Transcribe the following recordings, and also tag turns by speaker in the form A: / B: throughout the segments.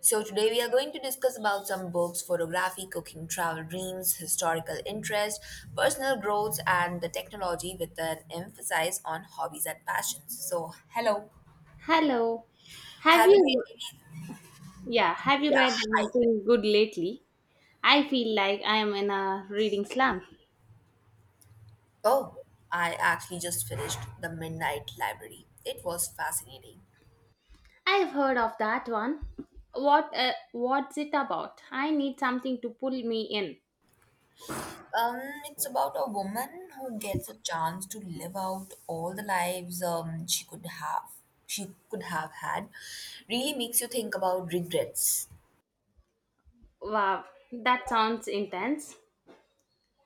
A: So today we are going to discuss about some books, photography, cooking, travel dreams, historical interest, personal growth, and the technology with an emphasis on hobbies and passions. So hello,
B: Hello. Have
A: have you
B: you
A: read any?
B: yeah, have you
A: Yeah,
B: read
A: hi.
B: anything good lately? I feel like I am in a reading slump.
A: Oh, I actually just finished The Midnight Library. It was fascinating.
B: I've heard of that one. What's it about? I need something to pull me in.
A: Um, it's about a woman who gets a chance to live out all the lives she could have had. Really makes you think about regrets.
B: Wow, that sounds intense.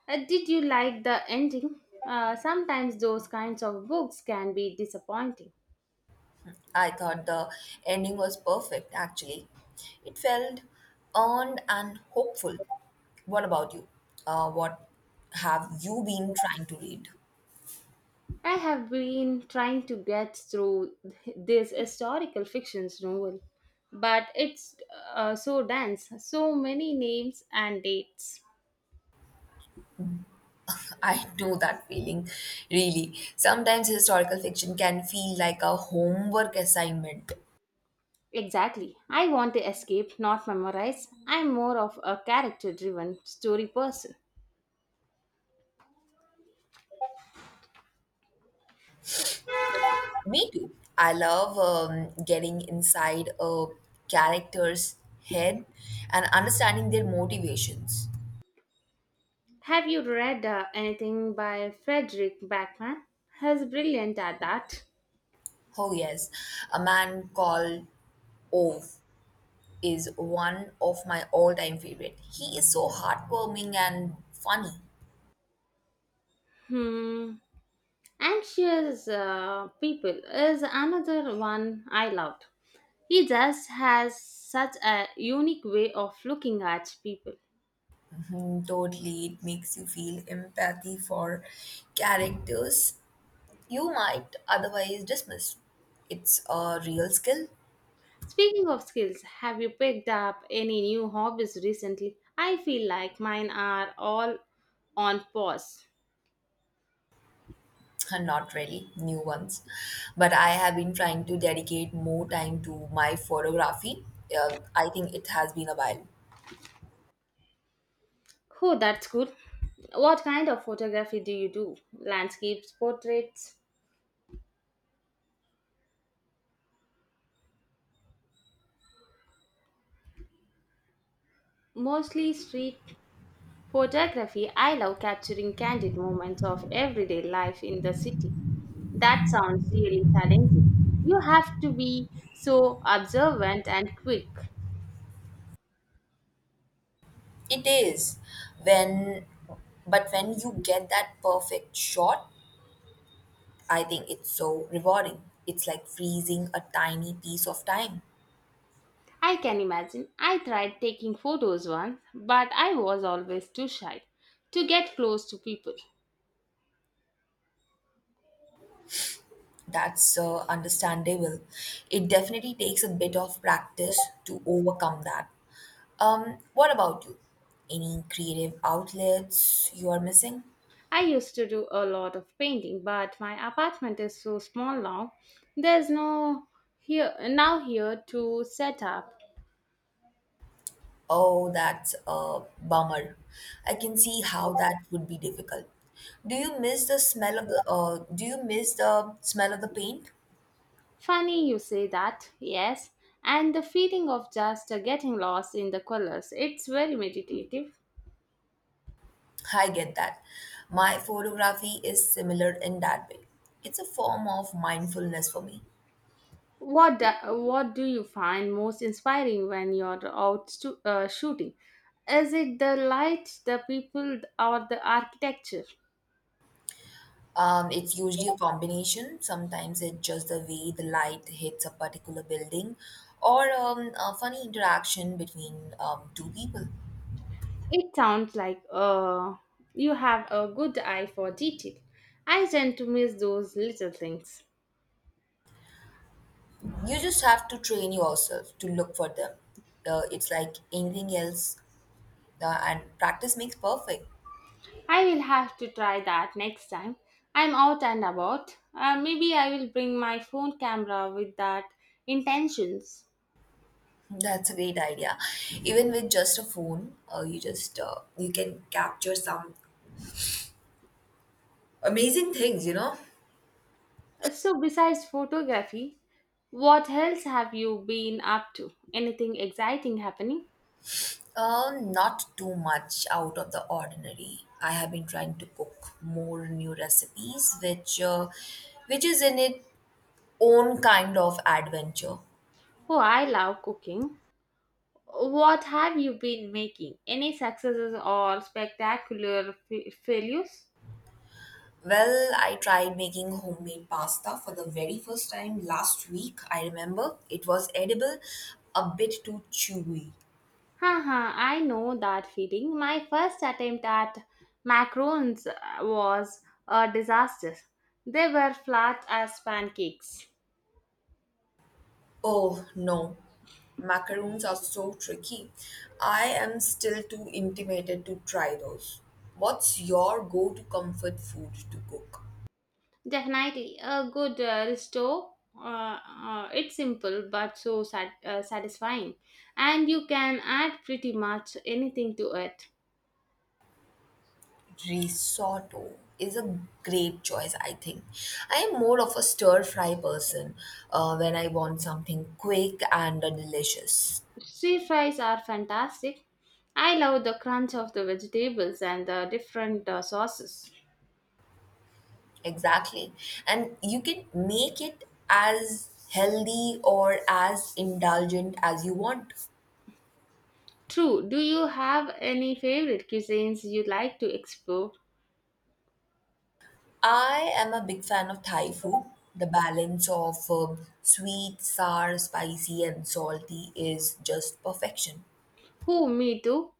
B: Did you like the ending? Sometimes those kinds of books can be disappointing.
A: I thought the ending was perfect, actually. It felt earned and hopeful. What about you? What have you been trying to read?
B: I have been trying to get through this historical fiction's novel, but it's so dense, so many names and dates.
A: I know that feeling, really. Sometimes historical fiction can feel like a homework assignment.
B: Exactly. I want to escape, not memorize. I'm more of a character driven story person.
A: Me too. I love getting inside a character's head and understanding their motivations.
B: Have you read anything by Frederick Backman? He's brilliant at that.
A: Oh, yes, a man called Ove is one of my all-time favorite. He is so heartwarming and funny.
B: Hmm. Anxious People is another one I loved. He just has such a unique way of looking at people.
A: Mhm, totally, it makes you feel empathy for characters you might otherwise dismiss. It's a real skill,
B: Speaking of skills, have you picked up any new hobbies recently? I feel like mine are all on pause.
A: and not really new ones, but I have been trying to dedicate more time to my photography. I think it has been a while.
B: Oh, that's good. What kind of photography do you do? Landscapes, portraits? Mostly street photography. I love capturing candid moments of everyday life in the city. That sounds really challenging. You have to be so observant and quick.
A: It is when, but when you get that perfect shot I think it's so rewarding. It's like freezing a tiny piece of time.
B: I can imagine. I tried taking photos once, but I was always too shy to get close to people.
A: That's understandable. It definitely takes a bit of practice to overcome that. What about you? Any creative outlets you are missing?
B: I used to do a lot of painting, but my apartment is so small now. There's no here to set up.
A: Oh, that's a bummer. I can see how that would be difficult. Do you miss the smell of the do you miss the smell of the paint?
B: Funny you say that. Yes, and the feeling of just getting lost in the colors. It's very meditative.
A: I get that. My photography is similar in that way. It's a form of mindfulness for me.
B: What do, what do you find most inspiring when you're out shooting? Is it the light, the people, or the architecture?
A: It's usually a combination. Sometimes it's just the way the light hits a particular building or a funny interaction between two people.
B: It sounds like you have a good eye for detail. I tend to miss those little things.
A: You just have to train yourself to look for them. It's like anything else, and practice makes perfect.
B: I will have to try that next time. I'm out and about. Maybe I will bring my phone camera with that intentions.
A: That's a great idea. Even with just a phone, you can capture some amazing things, you know.
B: So, besides photography, what else have you been up to? Anything exciting happening?
A: Not too much out of the ordinary. I have been trying to cook more new recipes, which is in its own kind of adventure.
B: Oh, I love cooking. What have you been making? Any successes or spectacular failures?
A: Well, I tried making homemade pasta for the very first time last week. I remember it was edible, a bit too chewy.
B: Haha, I know that feeling. My first attempt at macarons was a disaster. They were flat as pancakes.
A: Oh no, macaroons are so tricky. I am still too intimidated to try those. What's your go to comfort food to cook?
B: Definitely a good restore. It's simple but so satisfying, and you can add pretty much anything to it.
A: Risotto is a great choice, I think. I am more of a stir fry person when I want something quick and delicious.
B: Stir fries are fantastic. I love the crunch of the vegetables and the different sauces.
A: Exactly. And you can make it as healthy or as indulgent as you want.
B: True. Do you have any favorite cuisines you like to explore?
A: I am a big fan of Thai food. The balance of sweet, sour, spicy, and salty is just perfection.
B: Who? Me too.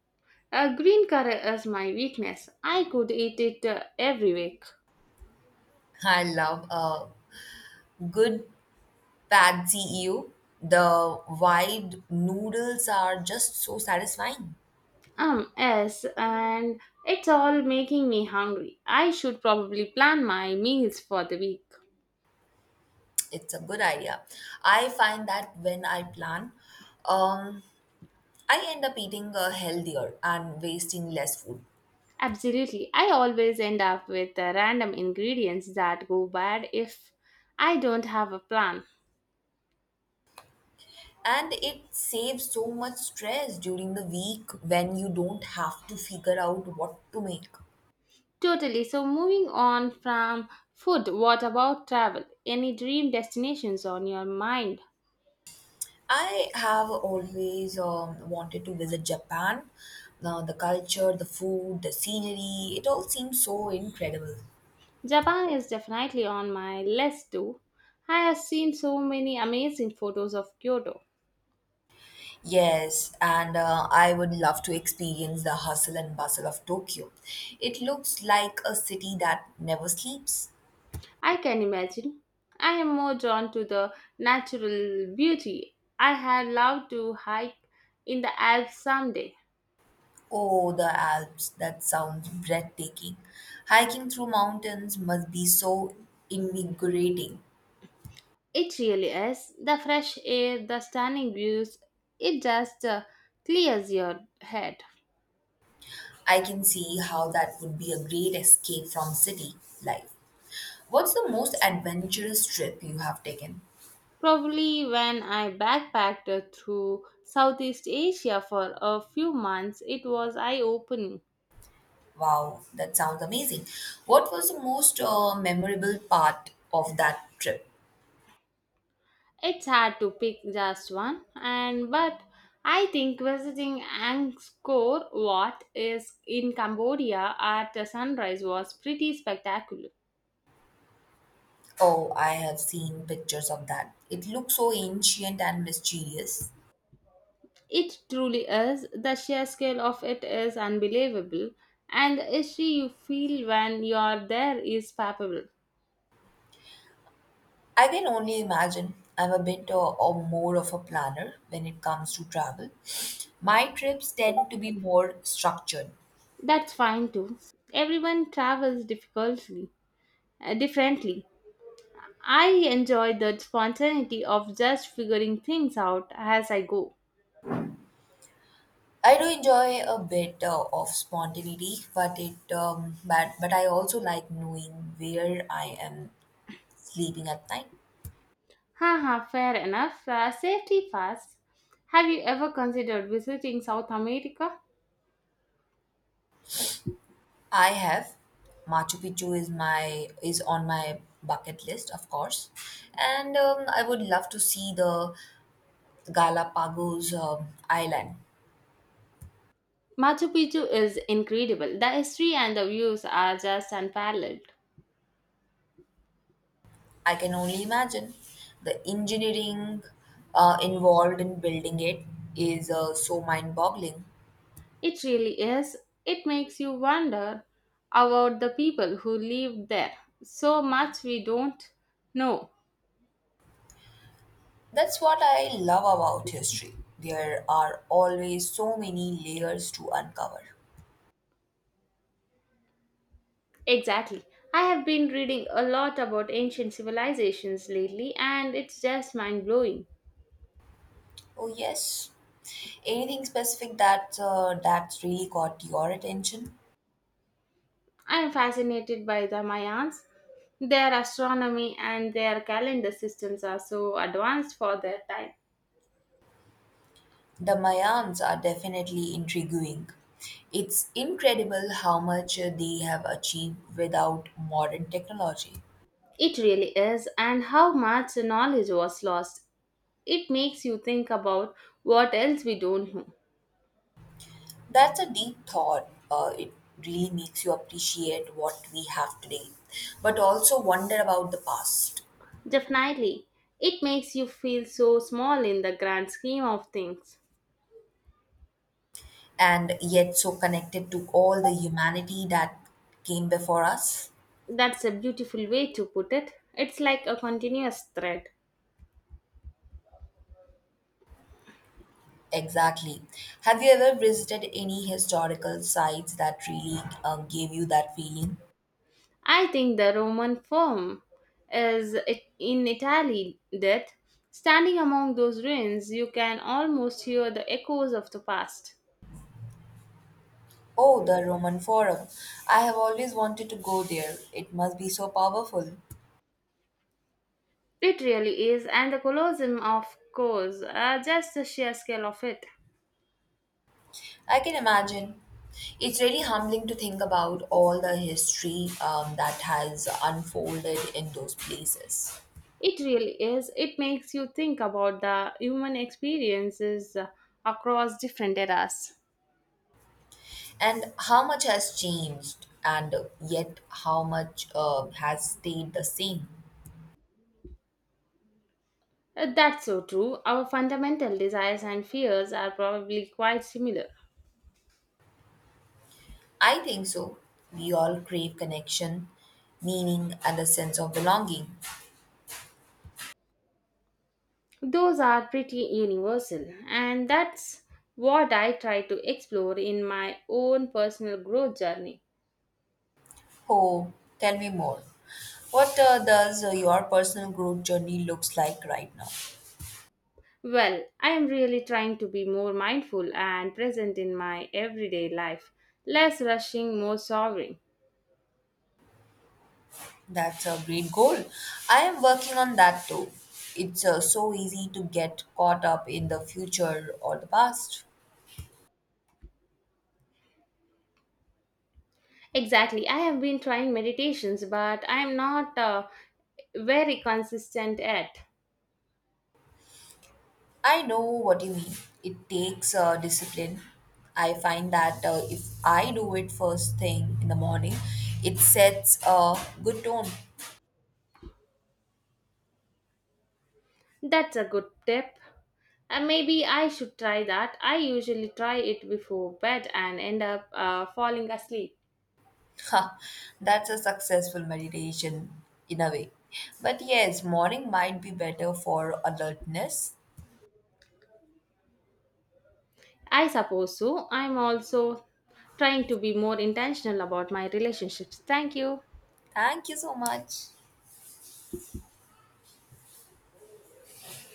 B: Green curry is my weakness. I could eat it every week.
A: I love a good pad see ew. The wide noodles are just so satisfying.
B: Yes, and it's all making me hungry. I should probably plan my meals for the week.
A: It's a good idea. I find that when I plan, um, I end up eating healthier and wasting less food.
B: Absolutely. I always end up with random ingredients that go bad if I don't have a plan.
A: And it saves so much stress during the week when you don't have to figure out what to make.
B: Totally. So, moving on from food, what about travel? Any dream destinations on your mind?
A: I have always wanted to visit Japan. Now the culture, the food, the scenery, it all seems so incredible.
B: Japan is definitely on my list too. I have seen so many amazing photos of Kyoto.
A: Yes, and I would love to experience the hustle and bustle of Tokyo. It looks like a city that never sleeps.
B: I can imagine. I am more drawn to the natural beauty. I had loved to hike in the Alps someday.
A: Oh, the Alps. That sounds breathtaking. Hiking through mountains must be so invigorating.
B: It really is. The fresh air, the stunning views, it just clears your head.
A: I can see how that would be a great escape from city life. What's the most adventurous trip you have taken?
B: Probably when I backpacked through Southeast Asia for a few months, it was eye opening.
A: Wow, that sounds amazing. What was the most memorable part of that trip?
B: It's hard to pick just one, and but I think visiting Angkor Wat is in Cambodia at the sunrise was pretty spectacular.
A: Oh, I have seen pictures of that. It looks so ancient and mysterious.
B: It truly is. The sheer scale of it is unbelievable, and the history you feel when you are there is palpable.
A: I can only imagine. I'm a bit or more of a planner when it comes to travel. My trips tend to be more structured.
B: That's fine too. Everyone travels differently. I enjoy the spontaneity of just figuring things out as I go.
A: I do enjoy a bit of spontaneity, but it but I also like knowing where I am sleeping at night.
B: Haha, fair enough. Safety first. Have you ever considered visiting South America?
A: I have Machu Picchu is on my bucket list, of course, and I would love to see the Galapagos island.
B: Machu Picchu is incredible. The history and the views are just unparalleled.
A: I can only imagine the engineering involved in building it is so mind boggling.
B: It really is. It makes you wonder about the people who lived there. So much we don't know.
A: That's what I love about history. There are always so many layers to uncover.
B: Exactly. I have been reading a lot about ancient civilizations lately, and it's just mind blowing.
A: Oh, yes. Anything specific that's really caught your attention?
B: I am fascinated by the Mayans. Their astronomy and their calendar systems are so advanced for their time.
A: The Mayans are definitely intriguing. It's incredible how much they have achieved without modern technology.
B: It really is, and how much knowledge was lost. It makes you think about what else we don't know.
A: That's a deep thought. It really makes you appreciate what we have today, but also wonder about the past,
B: Definitely, it makes you feel so small in the grand scheme of things.
A: and yet so connected to all the humanity that came before us.
B: That's a beautiful way to put it. It's like a continuous thread.
A: Exactly. Have you ever visited any historical sites that really gave you that feeling?
B: I think the Roman Forum in Italy that standing among those ruins you can almost hear the echoes of the past.
A: Oh, the Roman Forum. I have always wanted to go there. It must be so powerful.
B: It really is, and the Colosseum, of course, just the sheer scale of it.
A: I can imagine. It's really humbling to think about all the history that has unfolded in those places.
B: It really is. It makes you think about the human experiences across different eras.
A: And how much has changed, and yet how much has stayed the same.
B: That's so true. Our fundamental desires and fears are probably quite similar.
A: I think so. We all crave connection, meaning, and a sense of belonging.
B: Those are pretty universal, and that's what I try to explore in my own personal growth journey.
A: Oh, tell me more. What does your personal growth journey looks like right now?
B: Well, I am really trying to be more mindful and present in my everyday life, less rushing, more sovereign.
A: That's a great goal. I am working on that too. It's so easy to get caught up in the future or the past.
B: Exactly, I have been trying meditations, but I am not very consistent at.
A: I know what you mean. It takes discipline. I find that if I do it first thing in the morning, it sets a good tone.
B: That's a good tip. Maybe I should try that. I usually try it before bed and end up falling asleep.
A: Ha, that's a successful meditation in a way. But yes, morning might be better for alertness.
B: I suppose so. I'm also trying to be more intentional about my relationships. Thank you.
A: Thank you so much.